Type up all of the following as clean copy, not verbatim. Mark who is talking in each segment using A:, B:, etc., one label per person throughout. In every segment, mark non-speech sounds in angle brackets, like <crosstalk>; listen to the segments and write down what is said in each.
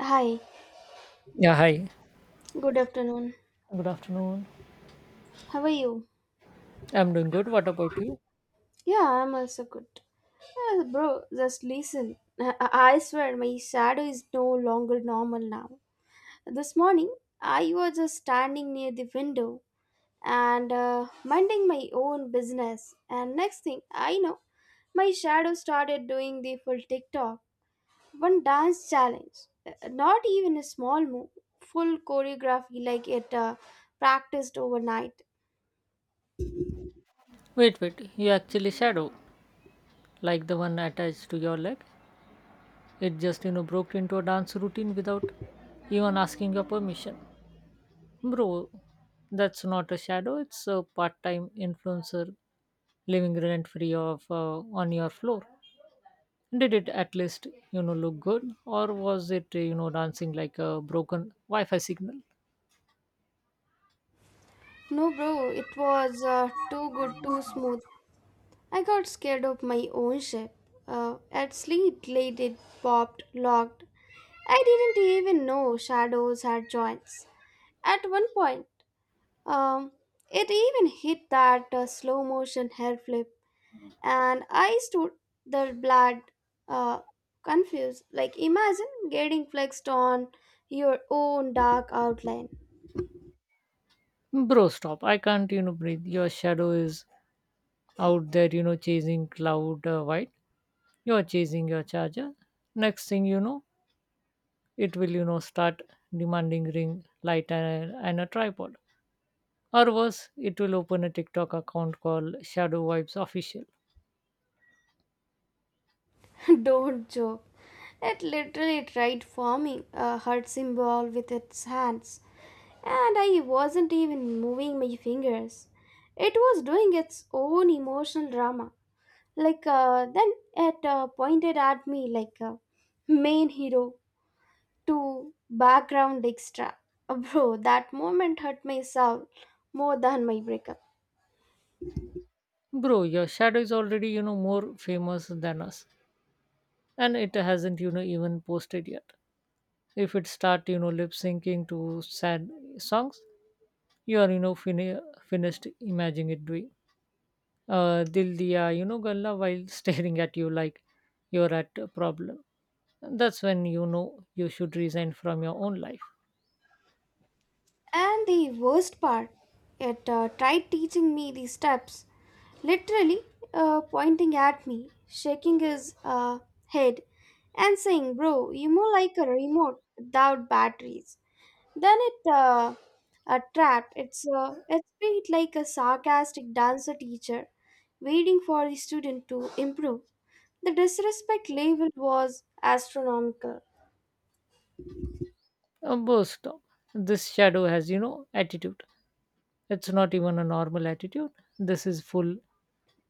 A: Hi,
B: Yeah, hi.
A: good afternoon.
B: Good afternoon.
A: How are you?
B: I'm doing good. What about you?
A: Yeah, I'm also good. Yeah, bro, just listen. I swear my shadow is no longer normal now. This morning, I was just standing near the window and minding my own business. And next thing I know, my shadow started doing the full TikTok, one dance challenge. Not even a small move, full choreography like it practiced overnight.
B: Wait, wait. You actually shadow, like the one attached to your leg. It just, broke into a dance routine without even asking your permission. Bro, that's not a shadow. It's a part-time influencer living rent-free of on your floor. Did it at least, look good, or was it, dancing like a broken Wi-Fi signal?
A: No, bro, it was too good, too smooth. I got scared of my own ship. At sleep, late, it popped, locked. I didn't even know shadows had joints. At one point, um, it even hit that slow motion hair flip, and I stood there, blood, uh, confused. Like, imagine getting flexed on your own dark outline.
B: Bro, stop. I can't, breathe. Your shadow is out there, chasing cloud white. You're chasing your charger. Next thing you know, it will, start demanding ring light and a tripod. Or worse, it will open a TikTok account called Shadow Vibes Official.
A: <laughs> Don't joke. It literally tried forming a heart symbol with its hands, and I wasn't even moving my fingers. It was doing its own emotional drama. Like, then it pointed at me like a main hero to background extra. <laughs> Bro, that moment hurt my soul more than my breakup.
B: Bro, your shadow is already, more famous than us. And it hasn't, even posted yet. If it start, lip syncing to sad songs, you are, finished imagining it doing. "Dil diya you know galla" while <laughs> staring at you like you're at a problem. That's when you know you should resign from your own life.
A: And the worst part, it tried teaching me the steps, literally pointing at me, shaking his head, and saying, Bro, you more like a remote without batteries. Then it trapped. It's it beat like a sarcastic dancer teacher, waiting for the student to improve. The disrespect level was astronomical.
B: Bo, stop. This shadow has, attitude. It's not even a normal attitude. This is full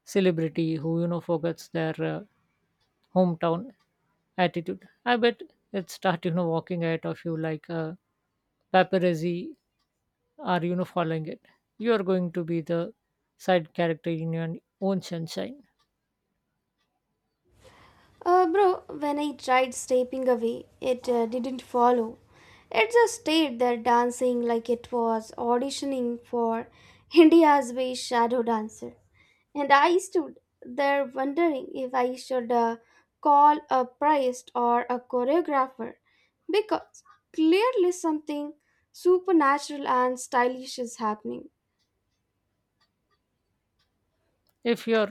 B: celebrity who, forgets their hometown attitude. I bet it start, walking ahead of you like paparazzi are, following it. You are going to be the side character in your own sunshine.
A: Bro, when I tried stepping away, it didn't follow. It just stayed there dancing like it was auditioning for <laughs> India's best shadow dancer. And I stood there wondering if I should call a priest or a choreographer because clearly something supernatural and stylish is happening.
B: If your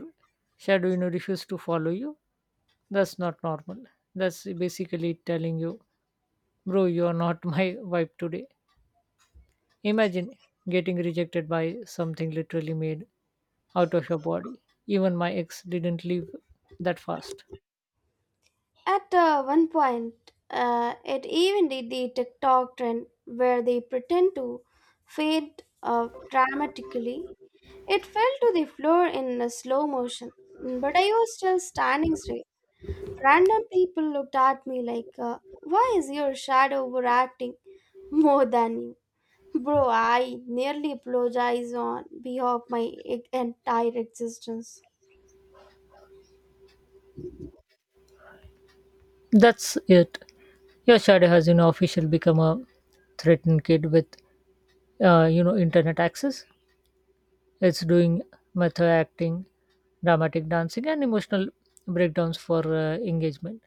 B: shadow, refuses to follow you, that's not normal. That's basically telling you, bro, you are not <laughs> my vibe today. Imagine getting rejected by something literally made out of your body. Even my ex didn't leave that fast.
A: At one point, it even did the TikTok trend where they pretend to fade dramatically. It fell to the floor in a slow motion, but I was still standing straight. Random people looked at me like, why is your shadow overacting more than you? Bro, I nearly apologize on behalf of my entire existence.
B: That's it. Your shadow has, officially become a threatened kid with, internet access. It's doing method acting, dramatic dancing, and emotional breakdowns for engagement.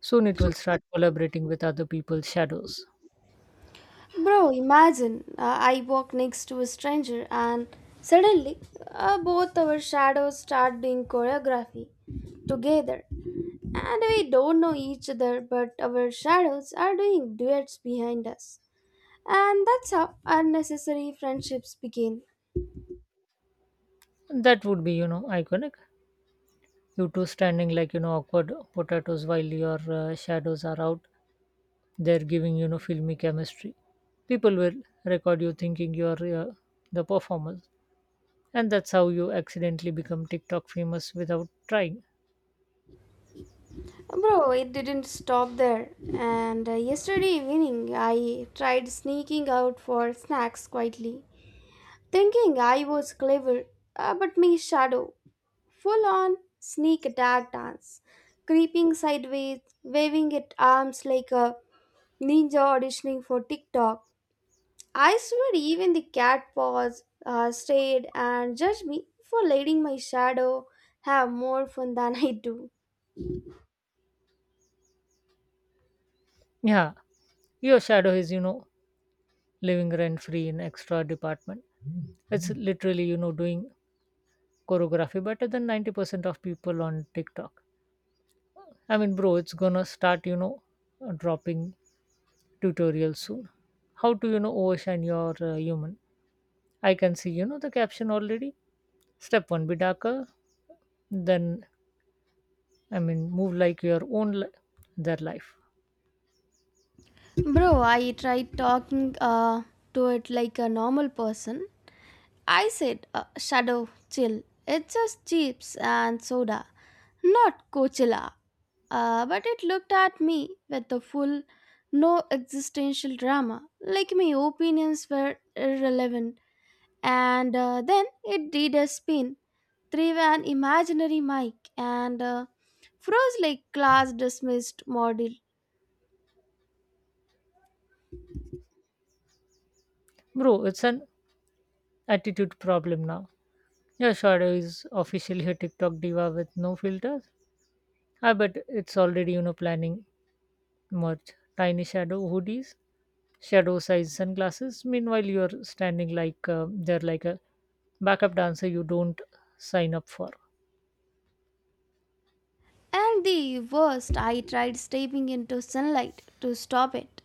B: Soon it will start collaborating with other people's shadows.
A: Bro, imagine I walk next to a stranger and suddenly both our shadows start doing choreography together. And we don't know each other, but our shadows are doing duets behind us. And that's how unnecessary friendships begin.
B: That would be, iconic. You two standing like, awkward potatoes while your shadows are out. They're giving, filmy chemistry. People will record you thinking you're the performer. And that's how you accidentally become TikTok famous without trying.
A: Bro, it didn't stop there. And yesterday evening, I tried sneaking out for snacks quietly, thinking I was clever, but my shadow full on sneak attack dance, creeping sideways, waving at arms like a ninja auditioning for TikTok. I swear, even the cat paws stared and judged me for letting my shadow have more fun than I do.
B: Yeah, your shadow is, living rent free in extra department. It's Mhm. literally, doing choreography better than 90% of people on TikTok. I mean, bro, it's gonna start, dropping tutorials soon. How to, overshine your human. I can see, the caption already. Step one, be darker. Then, I mean, move like your their life.
A: Bro, I tried talking to it like a normal person. I said, Shadow, chill. It's just chips and soda, not Coachella. But it looked at me with the full, no existential drama, like my opinions were irrelevant. And then it did a spin, threw an imaginary mic, and froze like class dismissed module.
B: Bro, it's an attitude problem now. Your shadow is officially a TikTok diva with no filters. I bet it's already, planning merch. Tiny shadow hoodies, shadow size sunglasses. Meanwhile, you're standing like they're like a backup dancer you don't sign up for.
A: And the worst, I tried stepping into sunlight to stop it.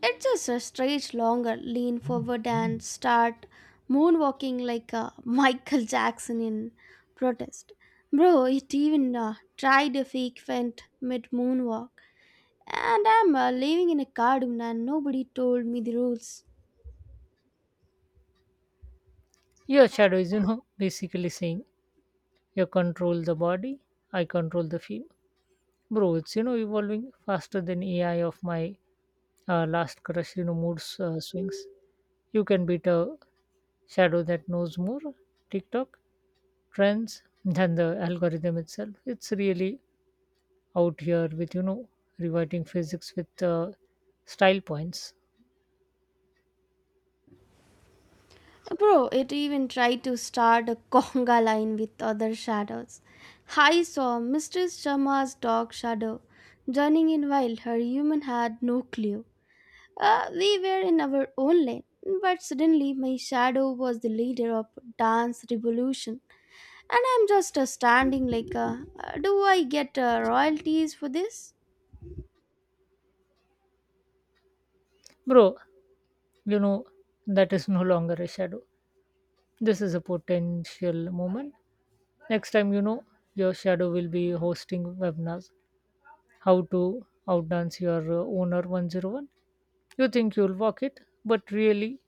A: It just stretch longer, lean forward, and start moonwalking like <laughs> Michael Jackson in protest. Bro, it even tried a fake feint mid moonwalk. And I'm living in a cartoon, and nobody told me the rules.
B: Your shadow is, <laughs> basically saying you control the body, I control the feel. Bro, it's, evolving faster than AI of my last crush, swings. You can beat a shadow that knows more, TikTok, trends, than the algorithm itself. It's really out here with, rewriting physics with style points.
A: Bro, it even tried to start a <laughs> conga line with other shadows. I saw Mistress Sharma's dog shadow, joining in while her human had no clue. We were in our own lane, but suddenly my shadow was the leader of dance revolution, and I'm just standing like, do I get royalties for this?
B: Bro, you know, that is no longer a shadow. This is a potential moment. Next time, your shadow will be hosting webinars. How to outdance your owner 101. You think you'll walk it, but really,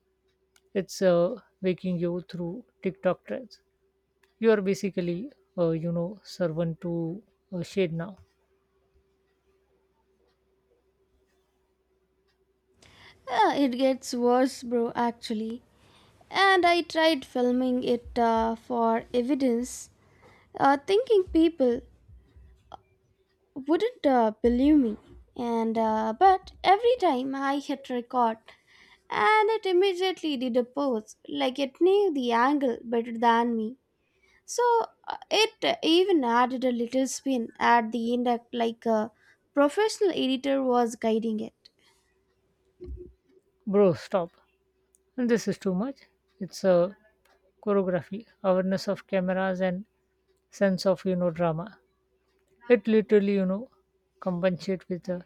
B: it's waking you through TikTok trends. You are basically, servant to shade now.
A: It gets worse, bro, actually. And I tried filming it for evidence, thinking people wouldn't believe me. And but every time I hit record, and it immediately did a pose like it knew the angle better than me. So it even added a little spin at the end, act like a professional editor was guiding it.
B: Bro, stop. And this is too much. It's a choreography, awareness of cameras, and sense of, drama. It literally, compensate with a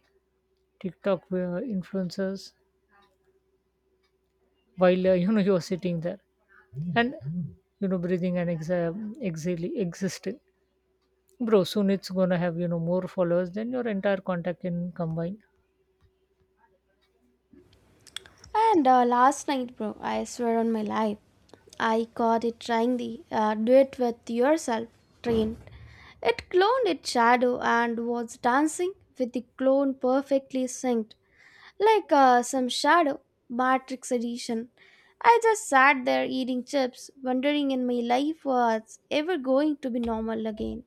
B: TikTok influencers while <laughs> you know you're sitting there and you know breathing and exam exhaling existing. Bro, soon it's gonna have you know more followers than your entire contact in combined.
A: And last night, bro, I swear on my life, I caught it trying the do it with yourself train. It cloned its shadow and was dancing with the clone perfectly synced, like some shadow Matrix edition. I just sat there eating chips, wondering if my life was ever going to be normal again.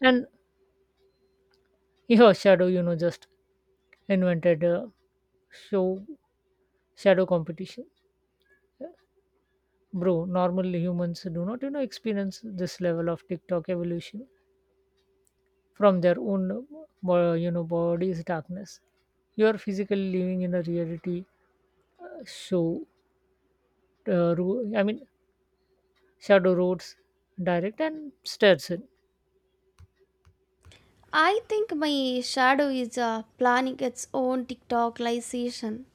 B: And your shadow, just invented a show shadow competition. Bro, normal humans do not you know experience this level of TikTok evolution from their own you know body's darkness. You are physically living in a reality show I mean shadow roads direct and stairs,
A: I think my shadow is planning its own TikTokization.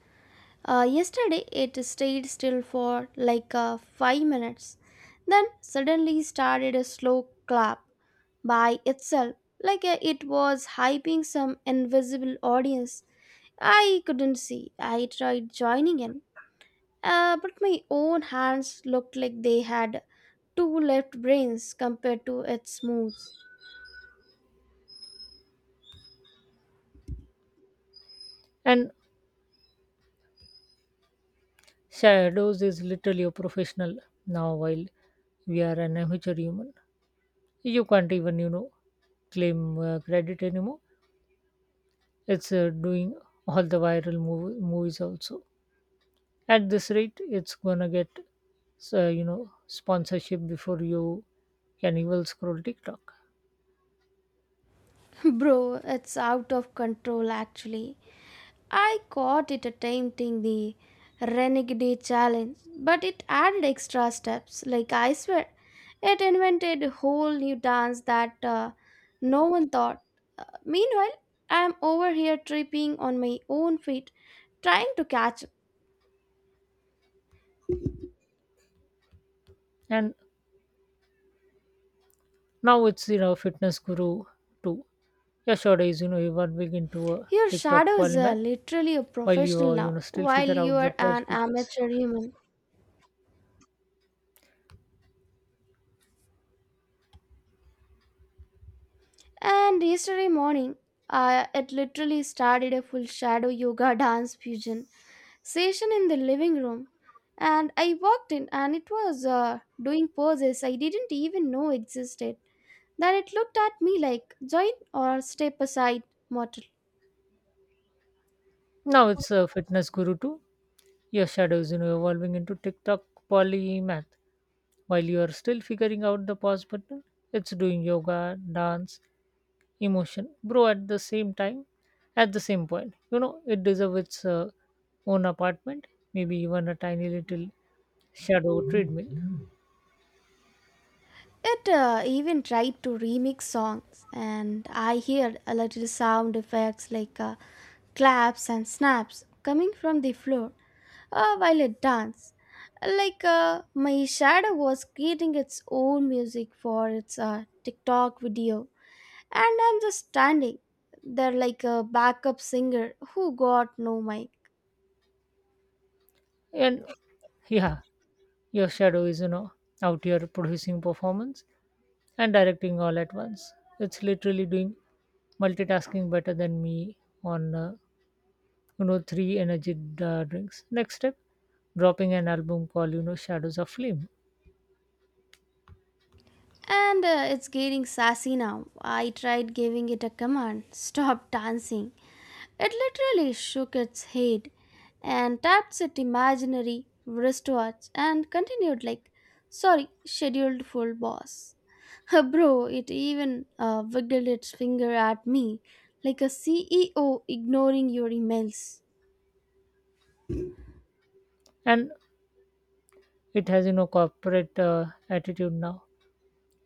A: Yesterday, it stayed still for like 5 minutes, then suddenly started a slow clap by itself, like it was hyping some invisible audience. I couldn't see. I tried joining in, but my own hands looked like they had two left brains compared to its moves.
B: And shadows is literally a professional now while we are an amateur human. You can't even you know claim credit anymore. It's doing all the viral movies also. At this rate, it's gonna get you know sponsorship before you can even scroll TikTok.
A: <laughs> Bro, it's out of control actually. I caught it attempting the Renegade challenge, but it added extra steps. Like, I swear, it invented a whole new dance that no one thought. Meanwhile, I'm over here tripping on my own feet, trying to catch up.
B: And Now it's you know fitness guru too. Yesterdays, you were big into a
A: Your
B: TikTok
A: shadow is
B: polymath
A: literally a
B: while you
A: professional
B: are you
A: now,
B: know still
A: while
B: figure
A: you
B: out the
A: are an
B: positive.
A: amateur human. And yesterday morning, it literally started a full shadow yoga <laughs> dance fusion session in the living room and I walked in and it was doing poses I didn't even know existed. Then it looked at me like, join or step aside, mortal.
B: Now it's a fitness guru too. Your shadows, evolving into TikTok polymath while you are still figuring out the pause button. It's doing yoga, dance, emotion, bro. At the same time, at the same point, it deserves its own apartment, maybe even a tiny little shadow treadmill.
A: It even tried to remix songs and I heard a little sound effects like claps and snaps coming from the floor while it danced. Like my shadow was creating its own music for its TikTok video. And I'm just standing there like a backup singer who got no mic.
B: And yeah, your shadow is you know out here producing performance and directing all at once it's literally doing multitasking better than me on you know three energy drinks next step dropping an album called you know shadows of flame
A: And it's getting sassy now. I tried giving it a command stop dancing. It literally shook its head and tapped its imaginary wristwatch and continued like, sorry, scheduled full boss. <laughs> Bro, it even wiggled its finger at me like a CEO ignoring your emails.
B: and it has you know corporate attitude now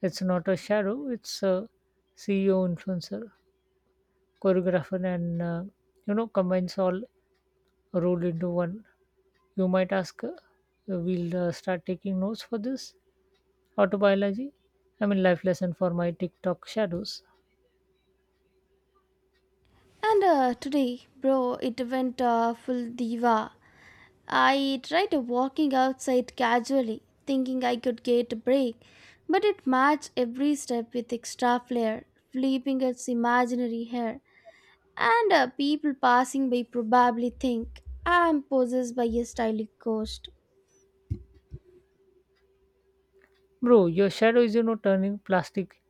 B: it's not a shadow it's a CEO influencer choreographer and you know combines all rolled into one you might ask we'll start taking notes for this Autobiology? I mean, life lesson for my TikTok shadows.
A: And today, bro, it went full diva. I tried walking outside casually, thinking I could get a break, but it matched every step with extra flair, flipping its imaginary hair. And people passing by probably think I'm possessed by a stylish ghost.
B: Bro, your shadow is, turning plastic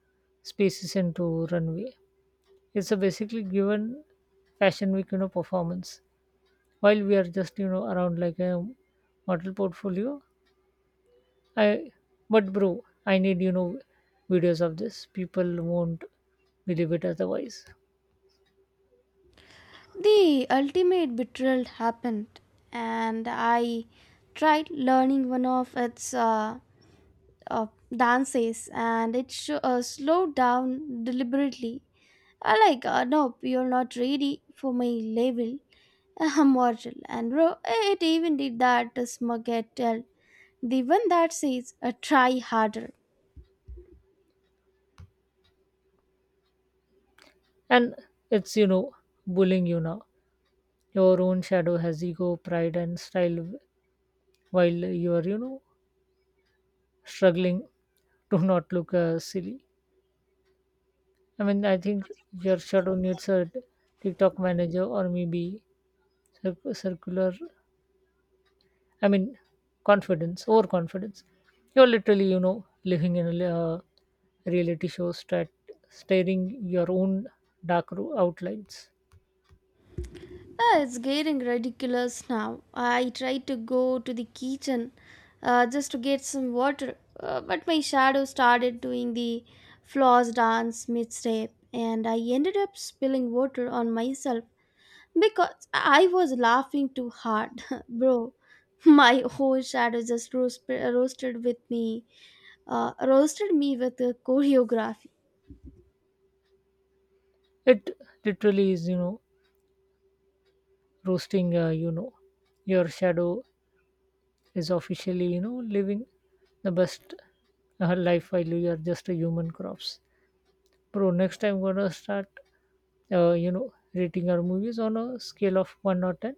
B: spaces into runway. It's a basically given fashion week, performance. While we are just, around like a model portfolio. I, but bro, I need, videos of this. People won't believe it otherwise.
A: The ultimate betrayal happened, and I tried learning one of its uh, dances and it sho slowed down deliberately. I like, nope, you're not ready for my level. I'm <laughs> mortal. And bro, it even did that to smug at tell. The one that says, try harder.
B: And it's, bullying you now. Your own shadow has ego, pride, and style, while you are, struggling do not look silly. I mean, I think your shadow needs a TikTok manager or maybe circular. I mean, confidence, overconfidence. You're literally, living in a uh, reality show, staring your own dark outlines.
A: Ah, it's getting ridiculous now. I tried to go to the kitchen just to get some water, but my shadow started doing the floss dance mid-step, and I ended up spilling water on myself because I was laughing too hard, <laughs> bro. My whole shadow just roasted with me, roasted me with the choreography.
B: It literally is, roasting. Your shadow is officially, living the best life while you are just a human corpse. Bro, next time I'm gonna start, rating our movies on a scale of one or ten,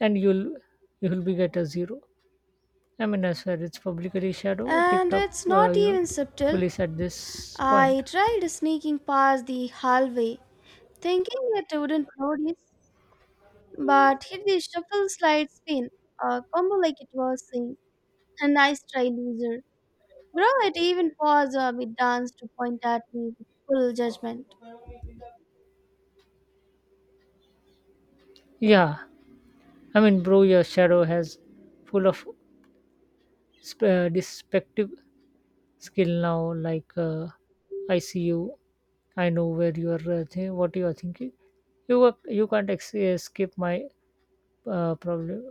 B: and you'll be get a zero. I mean, I swear it's publicly shadow
A: And
B: TikTok,
A: it's not even subtle.
B: police at this point.
A: I tried sneaking past the hallway, thinking it wouldn't notice, but hit the shuffle slide spin, a combo like it was saying, a nice try, loser. Bro, it even paused mid dance to point at me with full judgment.
B: Yeah, I mean, bro, your shadow has full of deceptive skill now. Like, I see you. I know where you are. What you are thinking. You are, you can't escape my problem.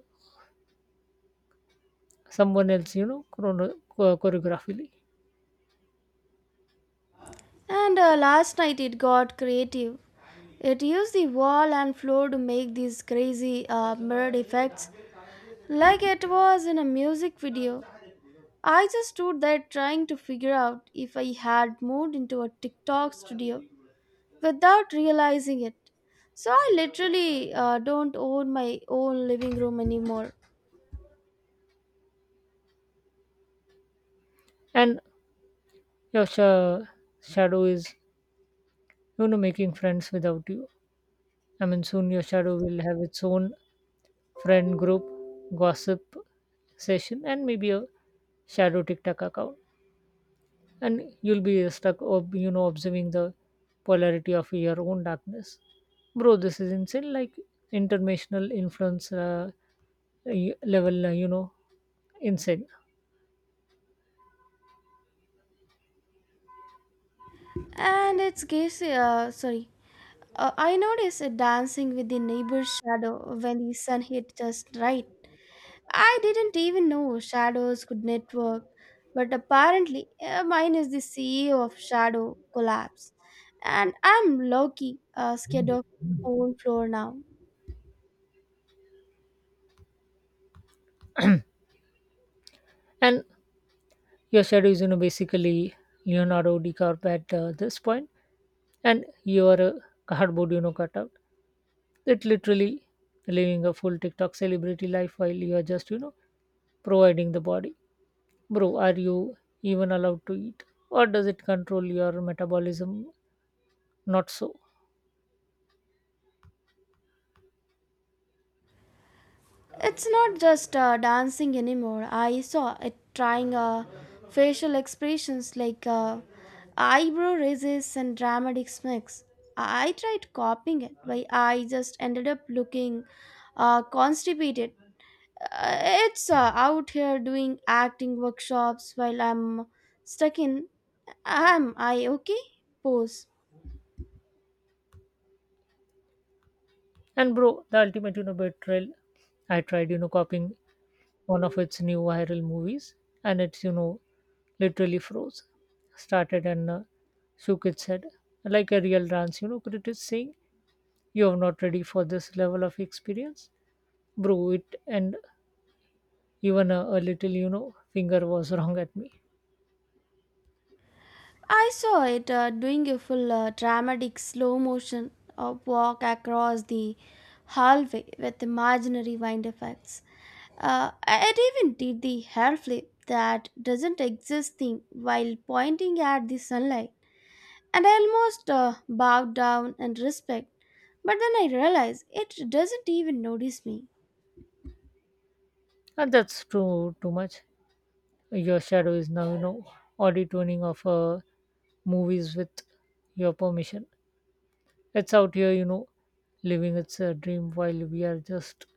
B: Someone else you know choreographically
A: And last night it got creative. It used the wall and floor to make these crazy mirrored effects, like it was in a music video. I just stood there trying to figure out if I had moved into a TikTok studio without realizing it. So I literally don't own my own living room anymore.
B: and your shadow is you know making friends without you. I mean soon your shadow will have its own friend group gossip session and maybe a shadow TikTok account and you'll be stuck you know observing the polarity of your own darkness bro this is insane like international influence level you know insane
A: And it's guess sorry. I noticed it dancing with the neighbor's shadow when the sun hit just right. I didn't even know shadows could network, but apparently mine is the CEO of Shadow Collapse, and I'm Loki, scared of my own floor now.
B: and your shadow is you know basically Leonardo DiCaprio at this point and you your cardboard you know cutout it literally living a full TikTok celebrity life while you are just you know providing the body bro are you even allowed to eat or does it control your metabolism not so.
A: It's not just dancing anymore. I saw it trying facial expressions like eyebrow raises and dramatic smacks. I tried copying it, but I just ended up looking constipated. Uh, it's out here doing acting workshops while I'm stuck in. Am I okay? Pose.
B: And bro, the ultimate, betrayal. I tried, copying one of its new viral movies, and it's, literally froze, started and shook its head like a real dance, critic saying you are not ready for this level of experience, bro. It and even a little, finger was <laughs> wrong at me,
A: I saw it doing a full dramatic slow motion of walk across the hallway with imaginary wind effects. It even did the hair flip that doesn't exist thing while pointing at the sunlight. And I almost bowed down in respect, but then I realized it doesn't even notice me.
B: and that's too too much. Your shadow is now, auditioning of movies with your permission. It's out here, living its a dream while we are just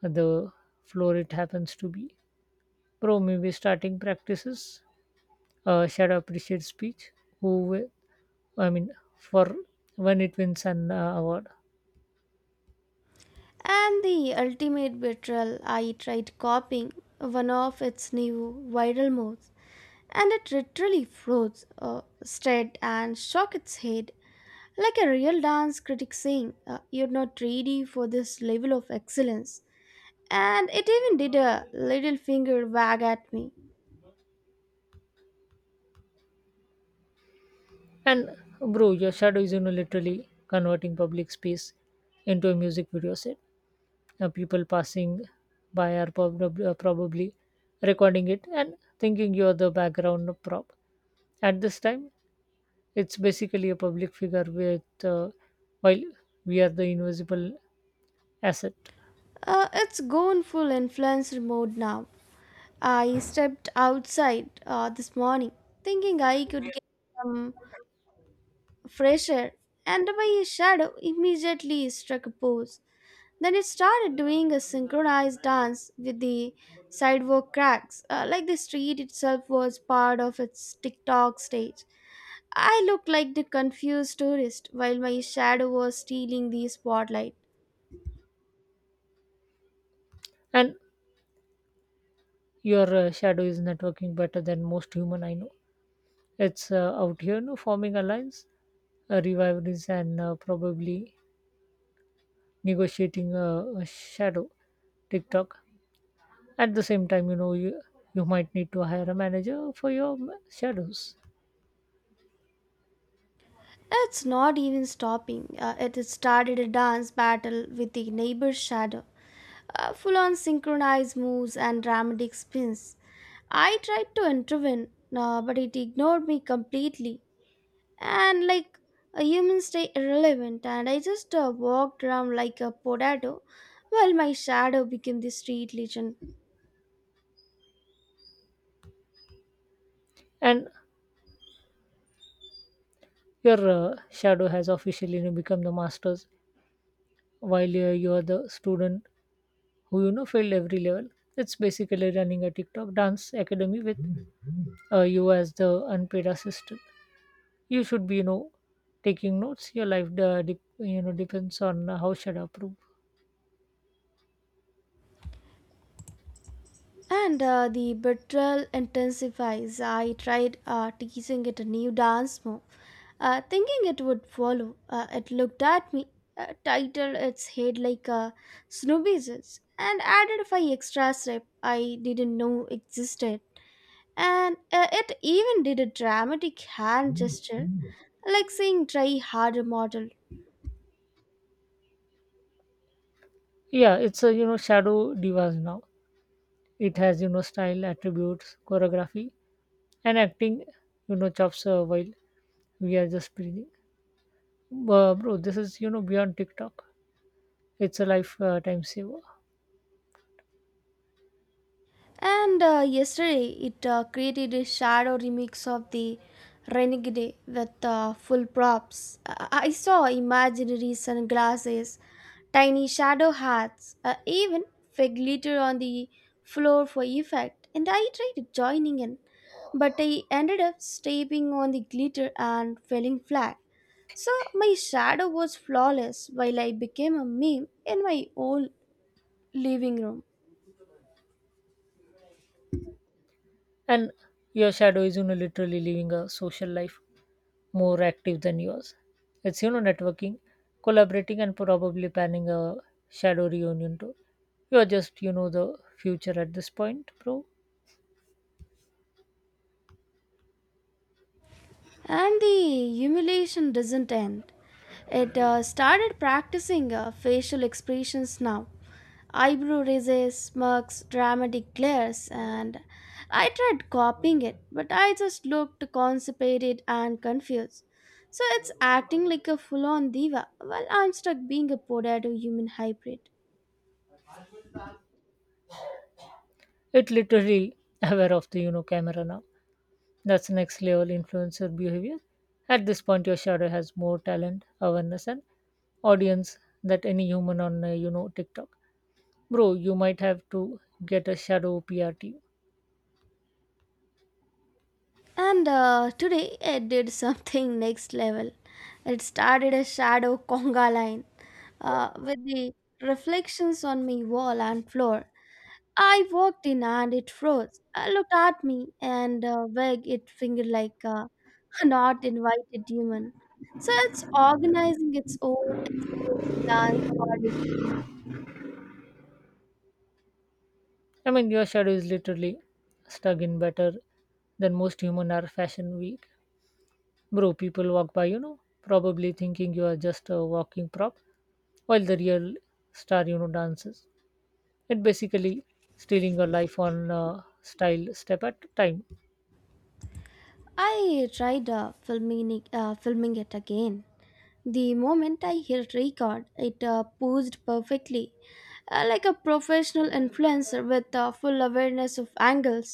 B: the floor it happens to be. Bro, maybe starting practices, shadow appreciate speech, who, wi- I mean, for when it wins an award.
A: And the ultimate betrayal, I tried copying one of its new viral moves, and it literally froze, stared, and shook its head like a real dance critic saying, you're not ready for this level of excellence. And it even did a little finger wag at me.
B: And bro, your shadow is, literally converting public space into a music video set. People passing by are probably recording it and thinking you're the background prop. At this time, it's basically a public figure with while we are the invisible asset.
A: It's gone full influencer mode now. I stepped outside this morning thinking I could get some fresh air, and my shadow immediately struck a pose. Then it started doing a synchronized dance with the sidewalk cracks, like the street itself was part of its TikTok stage. I looked like the confused tourist while my shadow was stealing the spotlight.
B: And your shadow is networking better than most human I know. It's out here no forming alliance, rivalries, and probably negotiating a shadow TikTok. At the same time, you know you might need to hire a manager for your shadows,
A: It's not even stopping. It started a dance battle with the neighbor's shadow, full on synchronized moves and dramatic spins. I tried to intervene, but it ignored me completely. And like a human stay irrelevant, and I just walked around like a potato while my shadow became the street legend.
B: and your shadow has officially you know, become the masters, while you are the student who you know filled every level. It's basically running a TikTok dance academy with you as the unpaid assistant. You should be you know taking notes. Your life dep you know depends on how Shada approve.
A: And the betrayal intensifies. I tried teasing it a new dance move, thinking it would follow. It looked at me, titled its head like a snoobies, and added a five extra steps I didn't know existed. And it even did a dramatic hand gesture, like saying, try harder, model.
B: Yeah, it's a you know shadow divas now. It has you know style, attributes, choreography, and acting. You know chops while we are just breathing. Bro, this is you know beyond TikTok. It's a lifetime saver.
A: And yesterday it created a shadow remix of the Renegade with full props. I saw imaginary sunglasses, tiny shadow hats, even fake glitter on the floor for effect. And I tried joining in, but I ended up stepping on the glitter and falling flat. So my shadow was flawless while I became a meme in my own living room.
B: And your shadow is, literally living a social life more active than yours. It's, networking, collaborating, and probably planning a shadow reunion too. You're just, the future at this point, bro.
A: And the humiliation doesn't end. It started practicing facial expressions now. Eyebrow raises, smirks, dramatic glares, and I tried copying it, but I just looked constipated and confused. So it's acting like a full on diva while I'm stuck being a potato human hybrid.
B: It literally <laughs> aware of the, camera now. That's next level influencer behavior. At this point, your shadow has more talent, awareness, and audience that any human on, TikTok. Bro, you might have to get a shadow PR team.
A: And today I did something <laughs> next level. It started a shadow conga line with the reflections on my wall and floor. I walked in and it froze. It looked at me and wagged its finger like a <laughs> not invited human. So it's organizing its own exclusive dance party.
B: I mean, your shadow is literally stuck in better than most human are fashion week. Bro, people walk by, probably thinking you are just a walking prop, while the real star, dances. It basically stealing your life on style step at a time.
A: I tried filming, filming it again. The moment I hit record, it posed perfectly, like a professional influencer with full awareness of angles.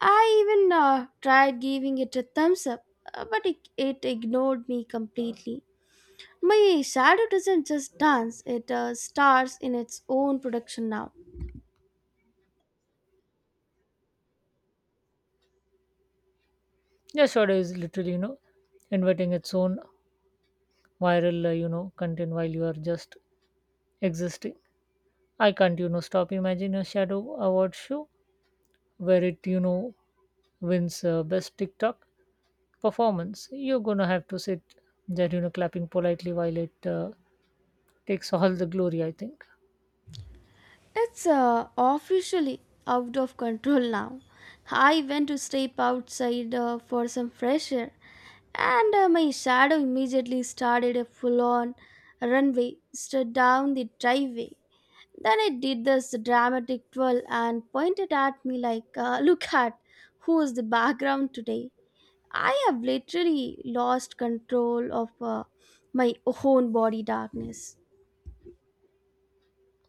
A: I even tried giving it a thumbs up, but it ignored me completely. My shadow doesn't just dance, it stars in its own production now.
B: Your shadow is literally, inventing its own viral, content while you are just existing. I can't, stop imagining a shadow award show where it you know wins best TikTok performance, you're gonna have to sit there, clapping politely while it takes all the glory. I think
A: It's officially out of control now. I went to step outside for some fresh air, and my shadow immediately started a full on runway straight down the driveway. Then it did this dramatic twirl and pointed at me like, <laughs> look at who is the background today. I have literally lost control of my own body darkness.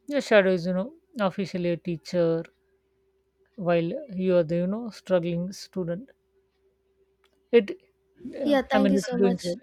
B: your shadow is you know officially a teacher while you are the you know struggling student. It,
A: Yeah,
B: I
A: thank
B: mean,
A: you
B: it's
A: so
B: doing
A: much.
B: great.